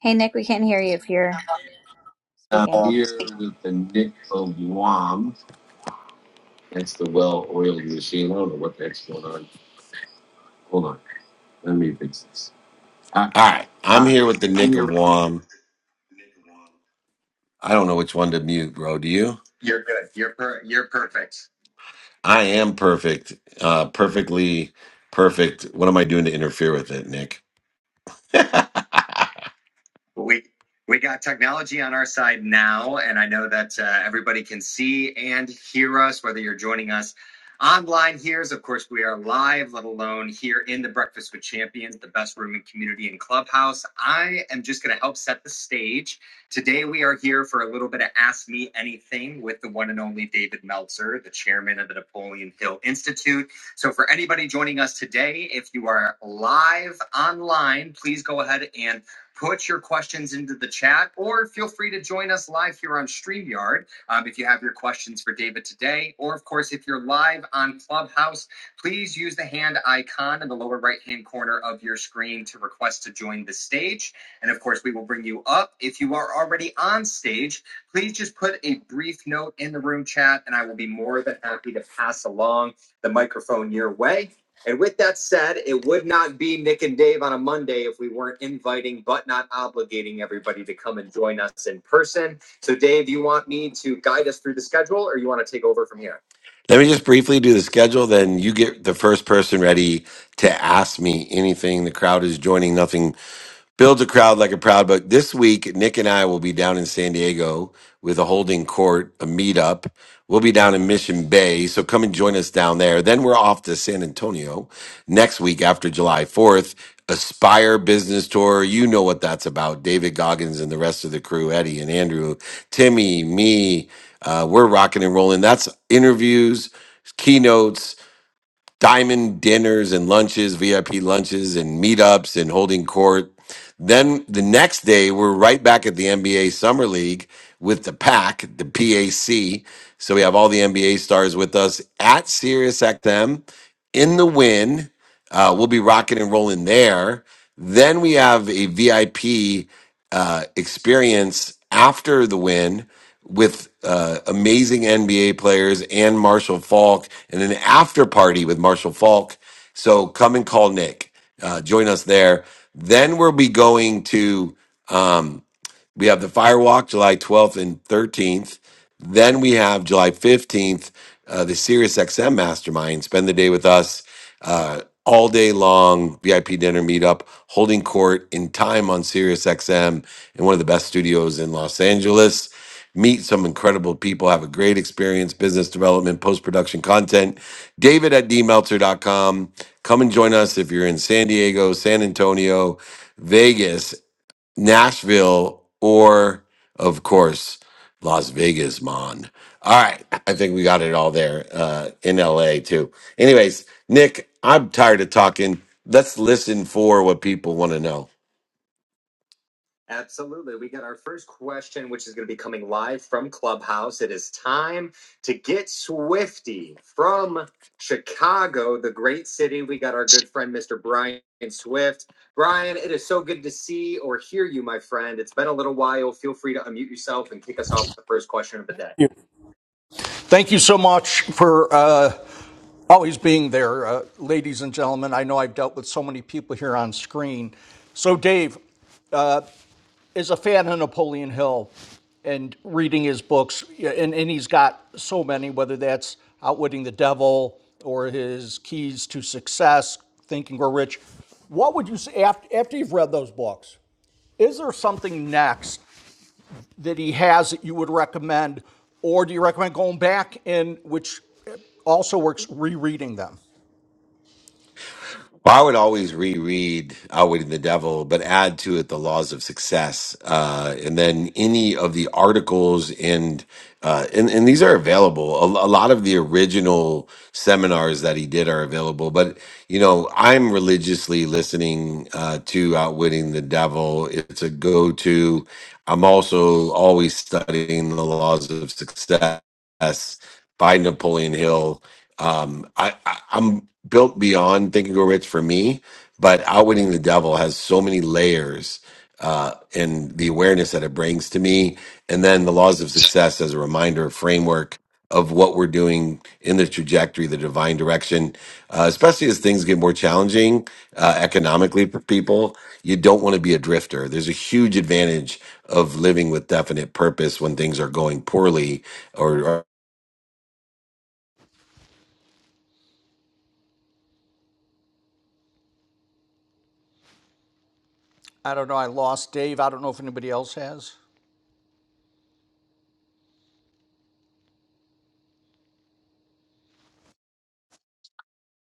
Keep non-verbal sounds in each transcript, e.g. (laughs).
Hey Nick, we can't hear you if you're I'm speaking. here with the Nick of Guam. That's the well-oiled machine. I don't know what the heck's going on. Hold on. Let me fix this. Ah, All right, I'm here ah, with the I'm Nick of here. Wom. I don't know which one to mute, bro. Do you? You're good. You're per- you're perfect. I am perfect, uh, perfectly perfect. What am I doing to interfere with it, Nick? (laughs) we we got technology on our side now, and I know that uh, everybody can see and hear us, whether you're joining us online here. As of course, we are live, let alone here in the Breakfast with Champions, the best room and community and clubhouse. I am just going to help set the stage. Today, we are here for a little bit of Ask Me Anything with the one and only David Meltzer, the chairman of the Napoleon Hill Institute. So, for anybody joining us today, if you are live online, please go ahead and Put your questions into the chat or feel free to join us live here on StreamYard um, if you have your questions for David today. Or, of course, if you're live on Clubhouse, please use the hand icon in the lower right hand corner of your screen to request to join the stage. And, of course, we will bring you up. If you are already on stage, please just put a brief note in the room chat and I will be more than happy to pass along the microphone your way. And with that said, it would not be Nick and Dave on a Monday if we weren't inviting but not obligating everybody to come and join us in person. So, Dave, you want me to guide us through the schedule or you want to take over from here? Let me just briefly do the schedule, then you get the first person ready to ask me anything. The crowd is joining, nothing build a crowd like a proud buck. This week, Nick and I will be down in San Diego with a holding court, a meetup. We'll be down in Mission Bay, so come and join us down there. Then we're off to San Antonio next week after July 4th. Aspire Business Tour. You know what that's about. David Goggins and the rest of the crew, Eddie and Andrew, Timmy, me. Uh, we're rocking and rolling. That's interviews, keynotes, diamond dinners and lunches, VIP lunches and meetups and holding court. Then the next day, we're right back at the NBA Summer League with the PAC, the PAC. So we have all the NBA stars with us at SiriusXM in the win. Uh, we'll be rocking and rolling there. Then we have a VIP uh, experience after the win with uh, amazing NBA players and Marshall Falk, and an after party with Marshall Falk. So come and call Nick. Uh, join us there. Then we'll be going to. um, we have the Firewalk July 12th and 13th. Then we have July 15th, uh, the Sirius XM Mastermind. Spend the day with us uh, all day long VIP dinner meetup, holding court in time on Sirius XM in one of the best studios in Los Angeles. Meet some incredible people, have a great experience, business development, post production content. David at d meltzer dot com. Come and join us if you're in San Diego, San Antonio, Vegas, Nashville, or of course, Las Vegas, Mon. All right. I think we got it all there uh, in LA too. Anyways, Nick, I'm tired of talking. Let's listen for what people want to know. Absolutely. We got our first question, which is going to be coming live from Clubhouse. It is time to get Swifty from Chicago, the great city. We got our good friend, Mr. Brian Swift. Brian, it is so good to see or hear you, my friend. It's been a little while. Feel free to unmute yourself and kick us off with the first question of the day. Thank you so much for uh, all Well, I would always reread Outwitting the Devil, but add to it the laws of success. Uh, and then any of the articles and, uh, and, and these are available. A, a lot of the original seminars that he did are available, but you know, I'm religiously listening, uh, to Outwitting the Devil. It's a go-to. I'm also always studying the laws of success by Napoleon Hill. Um, I, I, I'm built beyond Think and Grow Rich for me, but Outwitting the Devil has so many layers uh, and the awareness that it brings to me. And then the laws of success as a reminder, framework of what we're doing in the trajectory, the divine direction, uh, especially as things get more challenging uh, economically for people. You don't want to be a drifter. There's a huge advantage of living with definite purpose when things are going poorly or.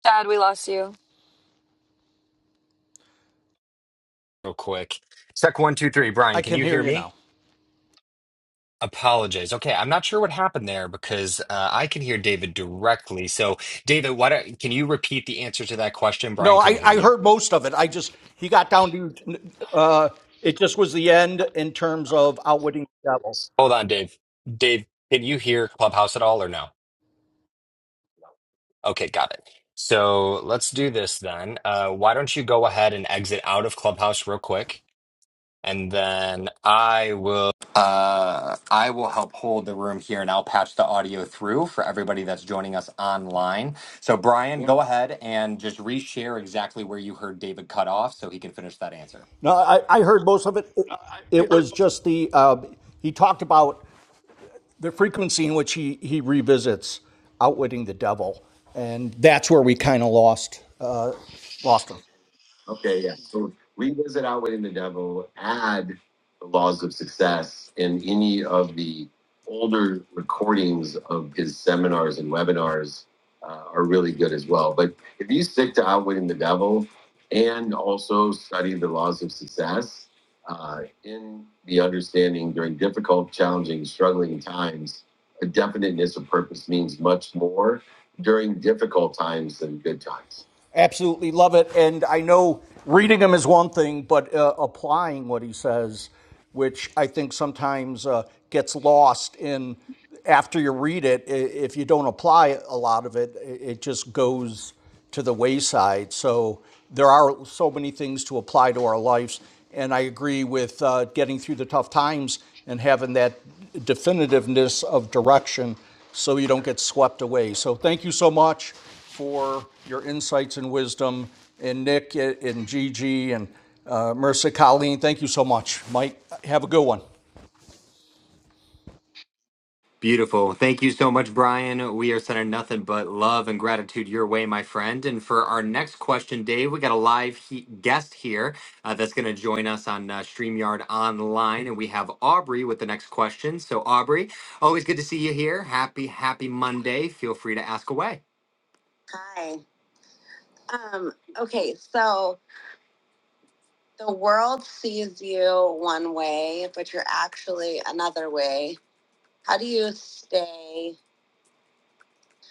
Dad, we lost you. real quick. Sec one, two, three. Brian, can you hear me? Apologize. Okay, I'm not sure what happened there because uh, I can hear David directly. So, David, why don't, can you repeat the answer to that question? Brian couldn't hear you. Hold on, Dave. Dave, can you hear Clubhouse at all or no? Okay, got it. So let's do this then. Uh, why don't you go ahead and exit out of Clubhouse real quick, and then I will uh, I will help hold the room here, and I'll patch the audio through for everybody that's joining us online. So Brian, go ahead and just reshare exactly where you heard David cut off, so he can finish that answer. Okay, yeah. So revisit Outwitting the Devil, add the laws of success And any of the older recordings of his seminars and webinars uh, are really good as well. But if you stick to Outwitting the Devil and also study the laws of success uh, in the understanding during difficult, challenging, struggling times, a definiteness of purpose means much more during difficult times than good times Beautiful. Thank you so much, Brian. We are sending nothing but love and gratitude your way, my friend. And for our next question, Dave, we got a live he- guest here uh, that's going to join us on uh, StreamYard Online. And we have Aubrey with the next question. So, Aubrey, always good to see you here. Happy, happy Monday. Feel free to ask away. Hi. Um, okay, so the world sees you one way, but you're actually another way. How do you stay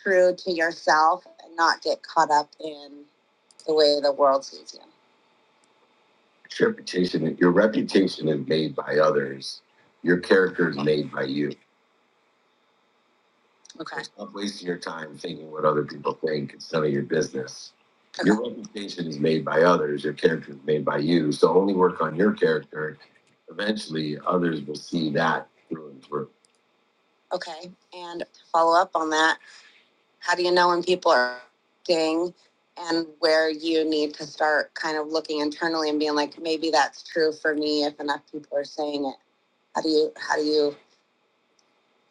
true to yourself and not get caught up in the way the world sees you. Your reputation, your reputation is made by others. Your character is made by you. Okay. Stop wasting your time thinking what other people think. It's none of your business. Okay. Your reputation is made by others. Your character is made by you. So only work on your character. Eventually, others will see that through and through. Okay. And to follow up on that, How do you know when people are acting and where you need to start kind of looking internally and being like, maybe that's true for me if enough people are saying it? How do you how do you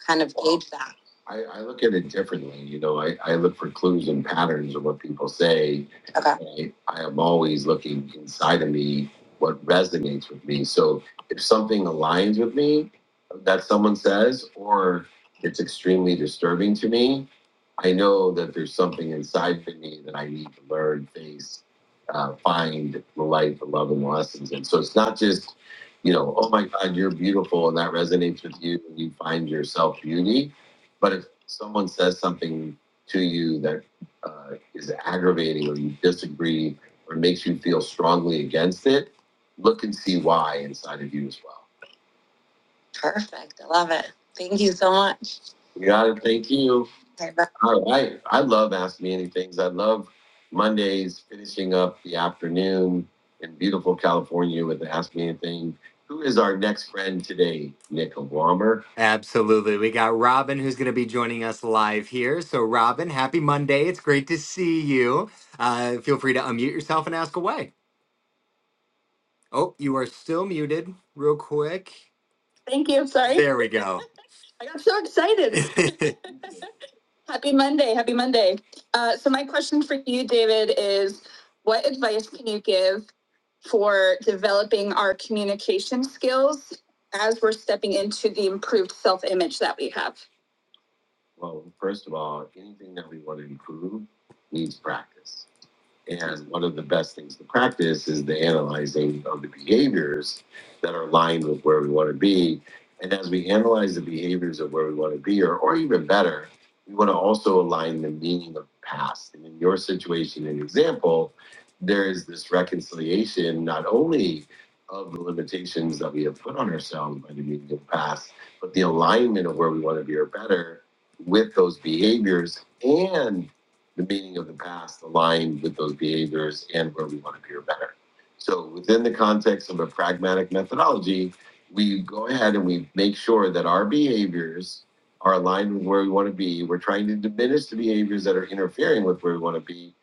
kind of well, gauge that? I, I look at it differently. You know, I, I look for clues and patterns of what people say. Okay. I, I am always looking inside of me what resonates with me. So if something aligns with me that someone says, or it's extremely disturbing to me, I know that there's something inside of me that I need to learn, face, uh, find the light, the love, and the lessons. And so it's not just you know, oh my God, you're beautiful, and that resonates with you, and you find yourself beauty. But if someone says something to you that uh, is aggravating, or you disagree, or makes you feel strongly against it, look and see why inside of you as well. Perfect. I love it. Thank you so much. You got it. Thank you. Okay, bye. All right. I love Ask Me Anythings. I love Mondays finishing up the afternoon in beautiful California with the Ask Me Anything. Who is our next friend today? Nick Walmer. Absolutely. We got Robin who's going to be joining us live here. So, Robin, happy Monday. It's great to see you. Uh, feel free to unmute yourself and ask away. Oh, you are still muted, real quick. Thank you. Sorry. There we go i got so excited. (laughs) Happy Monday. Happy Monday. Uh, so, my question for you, David, is what advice can you give for developing our communication skills as we're stepping into the improved self image that we have? Well, first of all, anything that we want to improve needs practice. And one of the best things to practice is the analyzing of the behaviors that are aligned with where we want to be. And as we analyze the behaviors of where we want to be, or, or even better, we want to also align the meaning of past. And in your situation and example, there is this reconciliation not only of the limitations that we have put on ourselves by the meaning of past, but the alignment of where we want to be or better with those behaviors and the meaning of the past aligned with those behaviors and where we want to be or better. So within the context of a pragmatic methodology, we go ahead and we make sure that our behaviors are aligned with where we want to be. We're trying to diminish the behaviors that are interfering with where we want to be,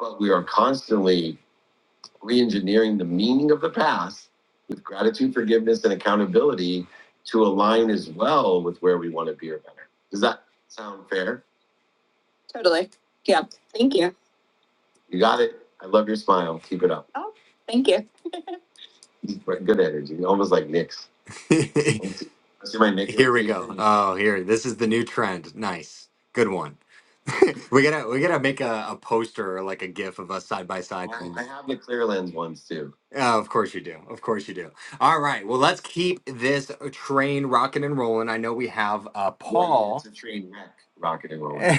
but we are constantly re-engineering the meaning of the past with gratitude, forgiveness, and accountability to align as well with where we want to be or better. Does that sound fair? Totally. Yeah. Thank you. You got it. I love your smile. Keep it up. Oh, thank you. Right, Good energy. Almost like Knicks. (laughs) See my Knicks. here we go. Oh, here. This is the new trend. Nice. Good one. (laughs) we gotta we gotta make a, a poster or like a gif of us side by side. I, I have the clear lens ones too. Uh, of course you do. Of course you do. All right. Well, let's keep this uh, train rocking and rolling. I know we have uh, One Paul. It's a train wreck, rocket and (laughs) rolling.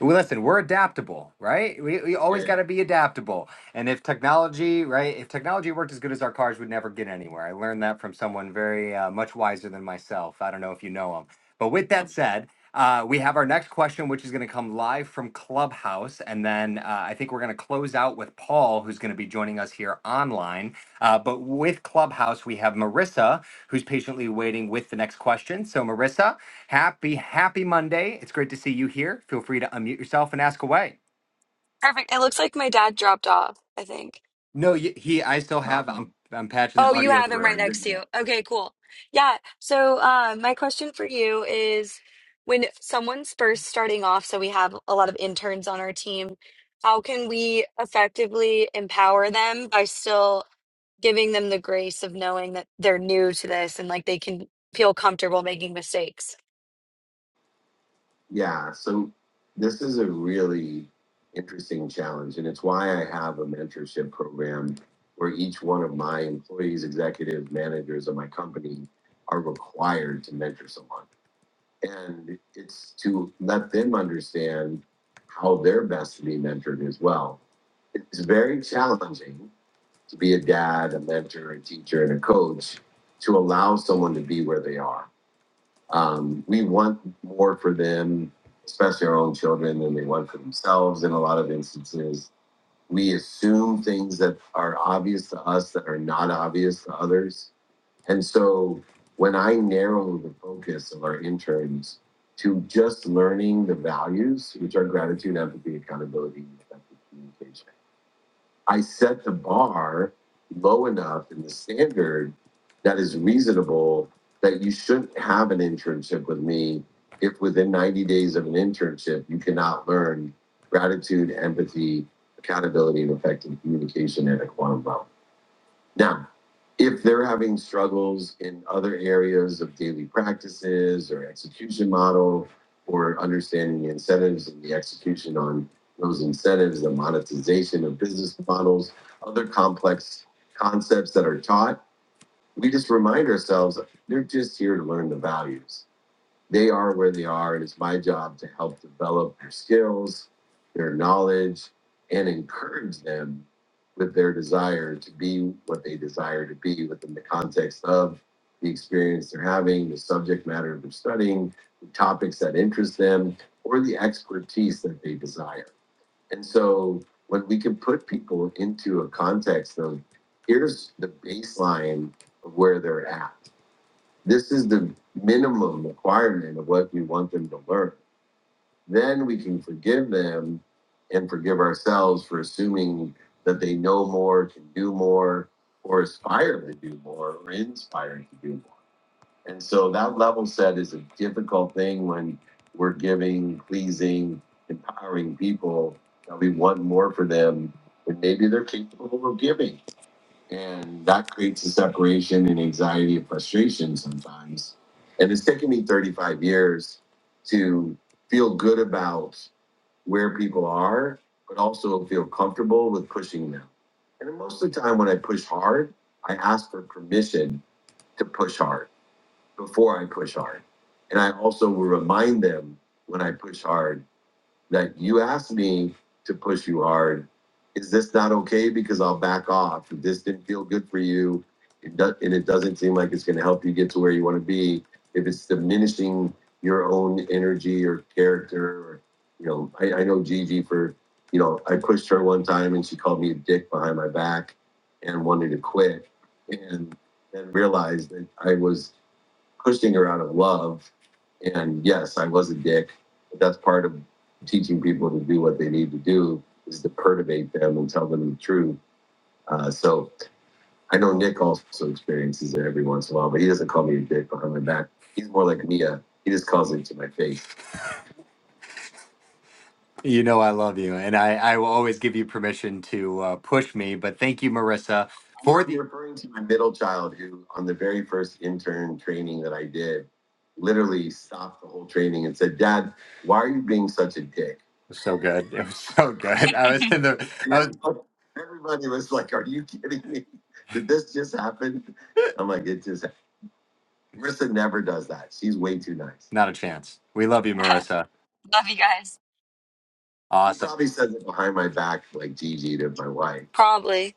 well, listen, we're adaptable, right? We, we always Yeah. got to be adaptable. And if technology, right? If technology worked as good as our cars, would never get anywhere. I learned that from someone very uh, much wiser than myself. I don't know if you know him. But with that said, uh, we have our next question, which is going to come live from Clubhouse. And then uh, I think we're going to close out with Paul, who's going to be joining us here online. Uh, but with Clubhouse, we have Marissa, who's patiently waiting with the next question. So, Marissa, happy, happy Monday. It's great to see you here. Feel free to unmute yourself and ask away. Perfect. It looks like my dad dropped off, I think. No, y- he, I still have, I'm, I'm patching the Oh, you audio have him right next to through. you. Okay, cool. Yeah. So, uh, my question for you is when someone's first starting off, so we have a lot of interns on our team, how can we effectively empower them by still giving them the grace of knowing that they're new to this and like they can feel comfortable making mistakes? Yeah, so this is a really interesting challenge, and it's why I have a mentorship program where each one of my employees, executive managers of my company are required to mentor someone. And it's to let them understand how they're best to be mentored as well. It's very challenging to be a dad, a mentor, a teacher, and a coach to allow someone to be where they are um, we want more for them, especially our own children, than they want for themselves in a lot of instances. We assume things that are obvious to us that are not obvious to others. And so when I narrow the focus of our interns to just learning the values, which are gratitude, empathy, accountability, effective communication I set the bar low enough in the standard that is reasonable that you shouldn't have an internship with me if within 90 days of an internship you cannot learn gratitude, empathy, accountability, and effective communication at a quantum level. Now, if they're having struggles in other areas of daily practices or execution model or understanding the incentives and the execution on those incentives, the monetization of business models, other complex concepts that are taught, we just remind ourselves they're just here to learn the values they are where they are. It is my job to help develop their skills, their knowledge, and encourage them with their desire to be what they desire to be within the context of the experience they're having, the subject matter they're studying, the topics that interest them, or the expertise that they desire. And so when we can put people into a context of here's the baseline of where they're at this is the minimum requirement of what we want them to learn. Then we can forgive them and forgive ourselves for assuming that they know more, can do more, or aspire to do more, or inspire to do more. And so that level set is a difficult thing when we're giving, pleasing, empowering people that we want more for them when maybe they're capable of giving and that creates a separation and anxiety and frustration sometimes. And it's taken me 35 years to feel good about where people are, but also feel comfortable with pushing them. And then most of the time, when I push hard, I ask for permission to push hard before I push hard. And I also will remind them when I push hard that you asked me to push you hard. Is this not okay? Because I'll back off. If this didn't feel good for you, it do- and it doesn't seem like it's going to help you get to where you want to be. If it's diminishing your own energy or character, or, you know, I, I know Gigi for, you know, I pushed her one time and she called me a dick behind my back and wanted to quit, and then realized that I was pushing her out of love. And yes, I was a dick. But that's part of teaching people to do what they need to do is to perturbate them and tell them the truth. Uh, so I know Nick also experiences it every once in a while, but he doesn't call me a dick behind my back. He's more like Mia. He just calls it to my face. You know I love you, and I, I will always give you permission to uh, push me. But thank you, Marissa, for the. You're referring to my middle child who on the very first intern training that I did literally stopped the whole training and said, Dad, why are you being such a dick? It was So good. It was so good. (laughs) I Love was in the. I was. everybody was like, Are you kidding me? Did this just happen? I'm like, It just Marissa never does that. She's way too nice. Not a chance. We love you, Marissa. you guys. Awesome. He Probably says it behind my back, like Gigi did my wife. Probably.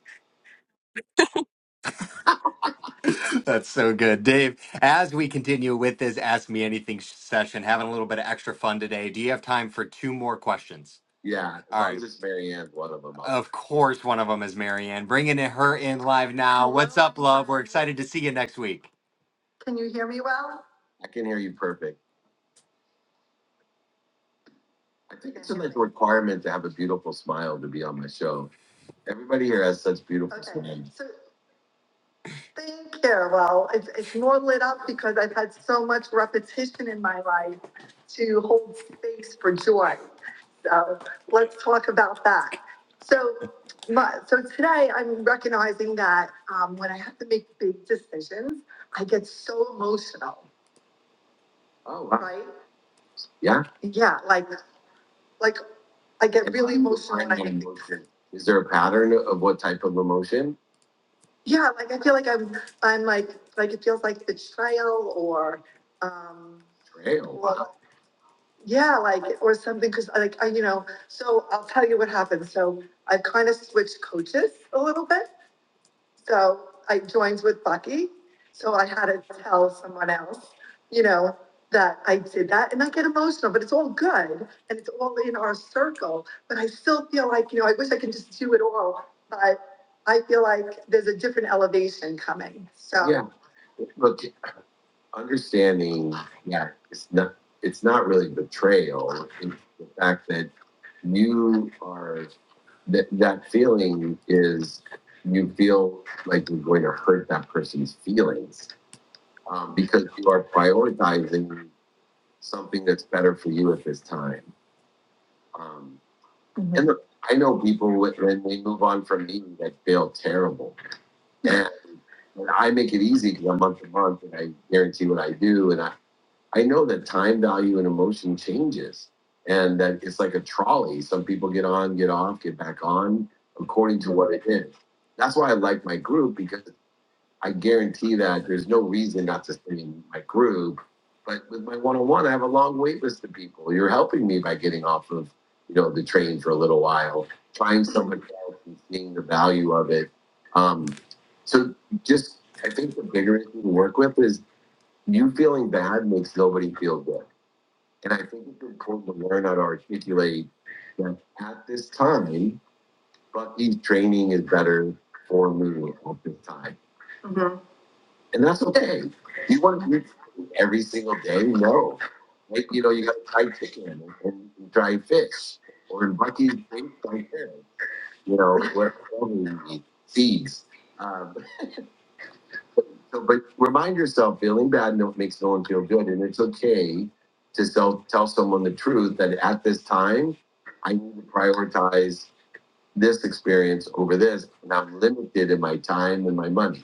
(laughs) That's so good, Dave. As we continue with this Ask Me Anything session, having a little bit of extra fun today, do you have time for two more questions? Yeah, as All long right. as it's Marianne, one of them. I'll Of course, one of them is Marianne. Bringing in her in live now. Hello, What's up, love? We're everyone. excited to see you next week. Can you hear me well? I can hear you perfect. I think it's like a requirement to have a beautiful smile to be on my show. Everybody here has such beautiful Okay. smiles. So Thank you. Well, it's, it's more lit up because I've had so much repetition in my life to hold space for joy. So let's talk about that. So, my, so today I'm recognizing that um, when I have to make big decisions, I get so emotional. Oh, wow. right? Yeah. Yeah, like like I get really emotional when I make big decisions. Is there a pattern of what type of emotion? Yeah, like I feel like I'm, I'm like, like it feels like betrayal or, um, Trail. well, yeah, like, or something, because like, I, you know, so I'll tell you what happened. So I've kind of switched coaches a little bit. So I joined with Bucky. So I had to tell someone else, you know, that I did that and I get emotional, but it's all good and it's all in our circle. But I still feel like, you know, I wish I could just do it all, but I feel like there's a different elevation coming. So Yeah, look, understanding Yeah, it's not, it's not really betrayal. It's the fact that you are that that feeling is you feel like you're going to hurt that person's feelings um, because you are prioritizing something that's better for you at this time. Um, mm-hmm. And look, I know people when they move on from me that feel terrible, and, and I make it easy because I'm month to month and I guarantee what I do, and I, I know that time value and emotion changes and that it's like a trolley. Some people get on, get off, get back on according to what it is. That's why I like my group because I guarantee that there's no reason not to stay in my group. But with my one on one, I have a long wait list of people. You're helping me by getting off of, you know, the train for a little while, trying something else and seeing the value of it. Um, so just I think the bigger issue to work with is you feeling bad makes nobody feel good. And I think it's important to learn how to articulate that at this time, Bucky's training is better for me at this time. Mhm. And that's okay. You want to do every single day? No. Like, you know, you got to try chicken and, and try fish. Or in Bucky's case, right there. You know, whatever you eat, seeds. Um, So, but remind yourself, feeling bad no, makes no one feel good, and it's okay to self tell someone the truth that at this time, I need to prioritize this experience over this, and I'm limited in my time and my money.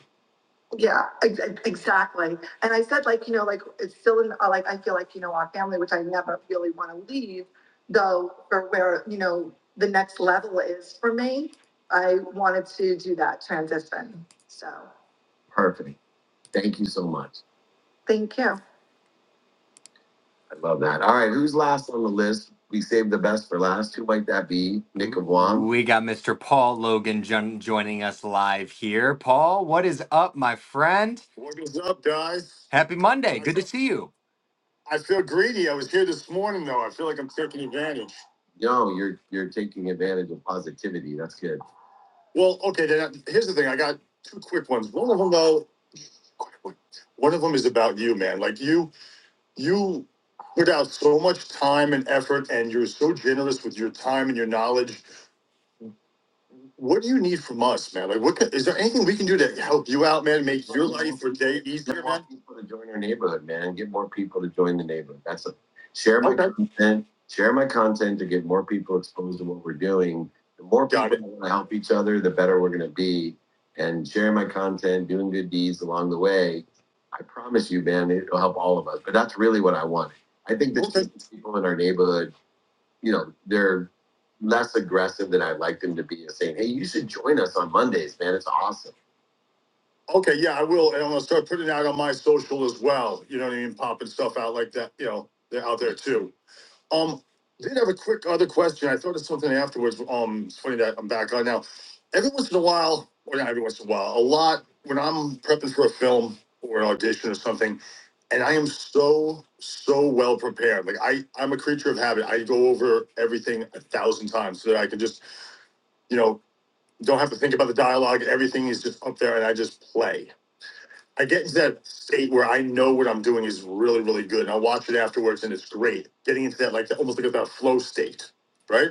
Yeah, ex- exactly. And I said, like, you know, like it's still in, uh, like I feel like you know our family, which I never really want to leave, though, for where you know the next level is for me. I wanted to do that transition. So perfect. Thank you so much. Thank you. I love that. All right, who's last on the list? We saved the best for last. Who might that be? Nick of Wam. We got Mr. Paul Logan jo- joining us live here. Paul, what is up, my friend? What is up, guys? Happy Monday. Good to see you. I feel greedy. I was here this morning, though. I feel like I'm taking advantage. No, you're you're taking advantage of positivity. That's good. Well, okay. Then I- here's the thing. I got two quick ones. One of them, though, quick one. One of them is about you, man. Like you. you put out so much time and effort and you're so generous with your time and your knowledge what do you need from us, man? Like, what can, is there anything we can do to help you out, man? Make your life or day easier, man. want people to join our neighborhood, man, get more people to join the neighborhood. That's a share my Okay, content, share my content to get more people exposed to what we're doing. The more people that want to help each other, the better we're going to be. And sharing my content, doing good deeds along the way, I promise you, man, it'll help all of us. But that's really what I wanted. I think that Okay, people in our neighborhood you know, they're less aggressive than I'd like them to be and saying, hey, you should join us on Mondays, man. It's awesome. Okay, yeah, I will. And I'm going to start putting it out on my social as well. You know what I mean? Popping stuff out like that, you know, they're out there too. Um, did have a quick other question. I thought of something afterwards. Um, it's funny that I'm back on now. Every once in a while, or not every once in a while, a lot when I'm prepping for a film or an audition or something, and I am so so well prepared. Like I, I'm a creature of habit. I go over everything a thousand times so that I can just, you know, don't have to think about the dialogue. Everything is just up there, and I just play. I get into that state where I know what I'm doing is really, really good, and i watch it afterwards, and it's great. Getting into that, like almost like that flow state, right?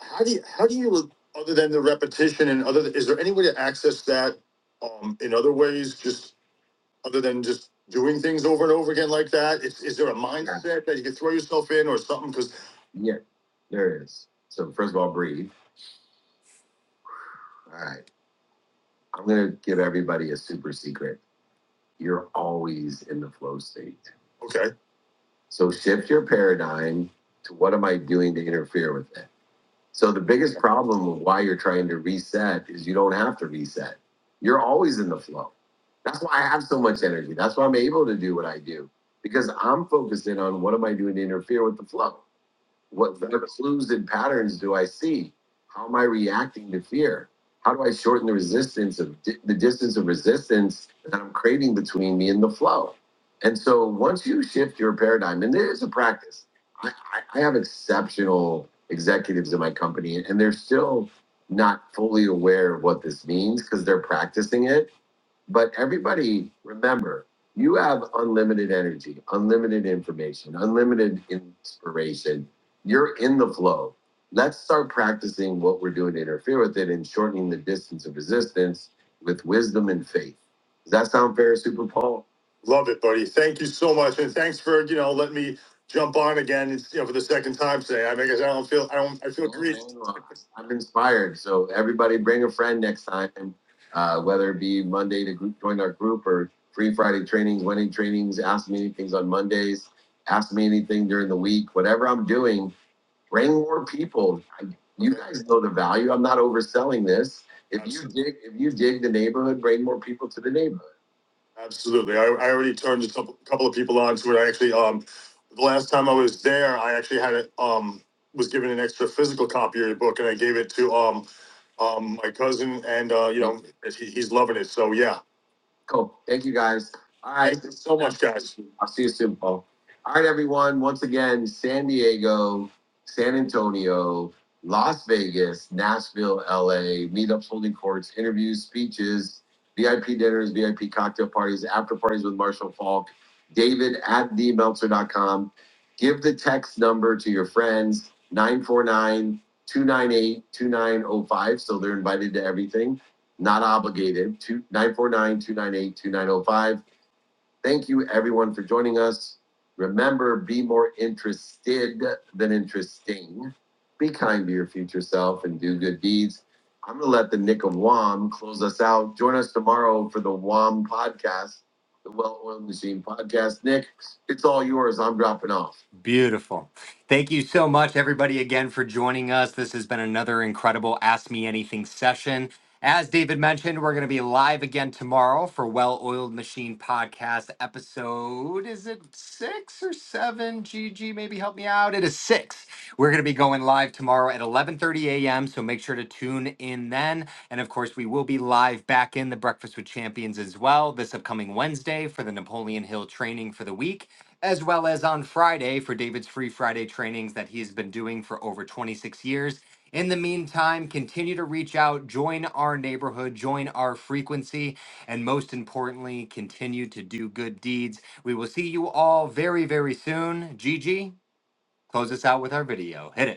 How do you, how do you, other than the repetition and other, is there any way to access that um, in other ways, just other than just doing things over and over again like that? Is, is there a mindset that you can throw yourself in or something? Because Yeah, there is. So first of all, breathe. All right. I'm gonna give everybody a super secret. You're always in the flow state. okay, So shift your paradigm to what am I doing to interfere with it? So the biggest problem of why you're trying to reset is you don't have to reset. You're always in the flow. That's why I have so much energy. That's why I'm able to do what I do because I'm focused in on what am I doing to interfere with the flow. What other clues and patterns do I see? How am I reacting to fear? How do I shorten the resistance of di- the distance of resistance that I'm creating between me and the flow? And so once you shift your paradigm, and there is a practice. I, I, I have exceptional executives in my company, and they're still not fully aware of what this means because they're practicing it but everybody, remember, you have unlimited energy, unlimited information, unlimited inspiration. You're in the flow. Let's start practicing what we're doing to interfere with it and shortening the distance of resistance with wisdom and faith. Does that sound fair, Super Paul? Love it, buddy. Thank you so much, and thanks for you know letting me jump on again. It's, You know, for the second time today. I mean, 'cause I don't feel I don't I feel No, no, greased. no. I'm inspired. So everybody, bring a friend next time uh, whether it be Monday to group, join our group or free Friday trainings, Wednesday trainings, ask me anything on Mondays, ask me anything during the week, whatever I'm doing, bring more people. I, you guys know the value. I'm not overselling this. If you dig, if you dig the neighborhood, bring more people to the neighborhood. Absolutely. I, I already turned a couple, couple of people on to it. I actually, um, the last time I was there, I actually had it, um, was given an extra physical copy of your book and I gave it to, um, um, my cousin and, uh, you know, he, he's loving it. So yeah, Cool. Thank you guys. All right. Thank you so much, guys. I'll see you soon, Paul. All right, everyone. Once again, San Diego, San Antonio, Las Vegas, Nashville, LA, meetups, holding courts, interviews, speeches, VIP dinners, VIP cocktail parties, after parties with Marshall Falk, David at d meltzer dot com. Give the text number to your friends 949 298 2905, So they're invited to everything not obligated, two, nine four nine, two nine eight, two nine oh five. Thank you everyone for joining us. Remember, be more interested than interesting. Be kind to your future self and do good deeds. I'm gonna let the Nick of Wam close us out. Join us tomorrow for the Wam podcast, the Well Oiled Machine podcast. Nick, it's all yours. I'm dropping off. Beautiful. Thank you so much, everybody, again for joining us. This has been another incredible Ask Me Anything session. As David mentioned, we're going to be live again tomorrow for Well Oiled Machine Podcast episode. Is it six or seven? GG, maybe help me out. It is six. We're going to be going live tomorrow at 11:30 a.m. So make sure to tune in then. And of course, we will be live back in the Breakfast with Champions as well this upcoming Wednesday for the Napoleon Hill training for the week as well as on Friday for David's Free Friday trainings that he's been doing for over 26 years. In the meantime, continue to reach out, join our neighborhood, join our frequency, and most importantly, continue to do good deeds. We will see you all very, very soon. Gigi, close us out with our video. Hit it.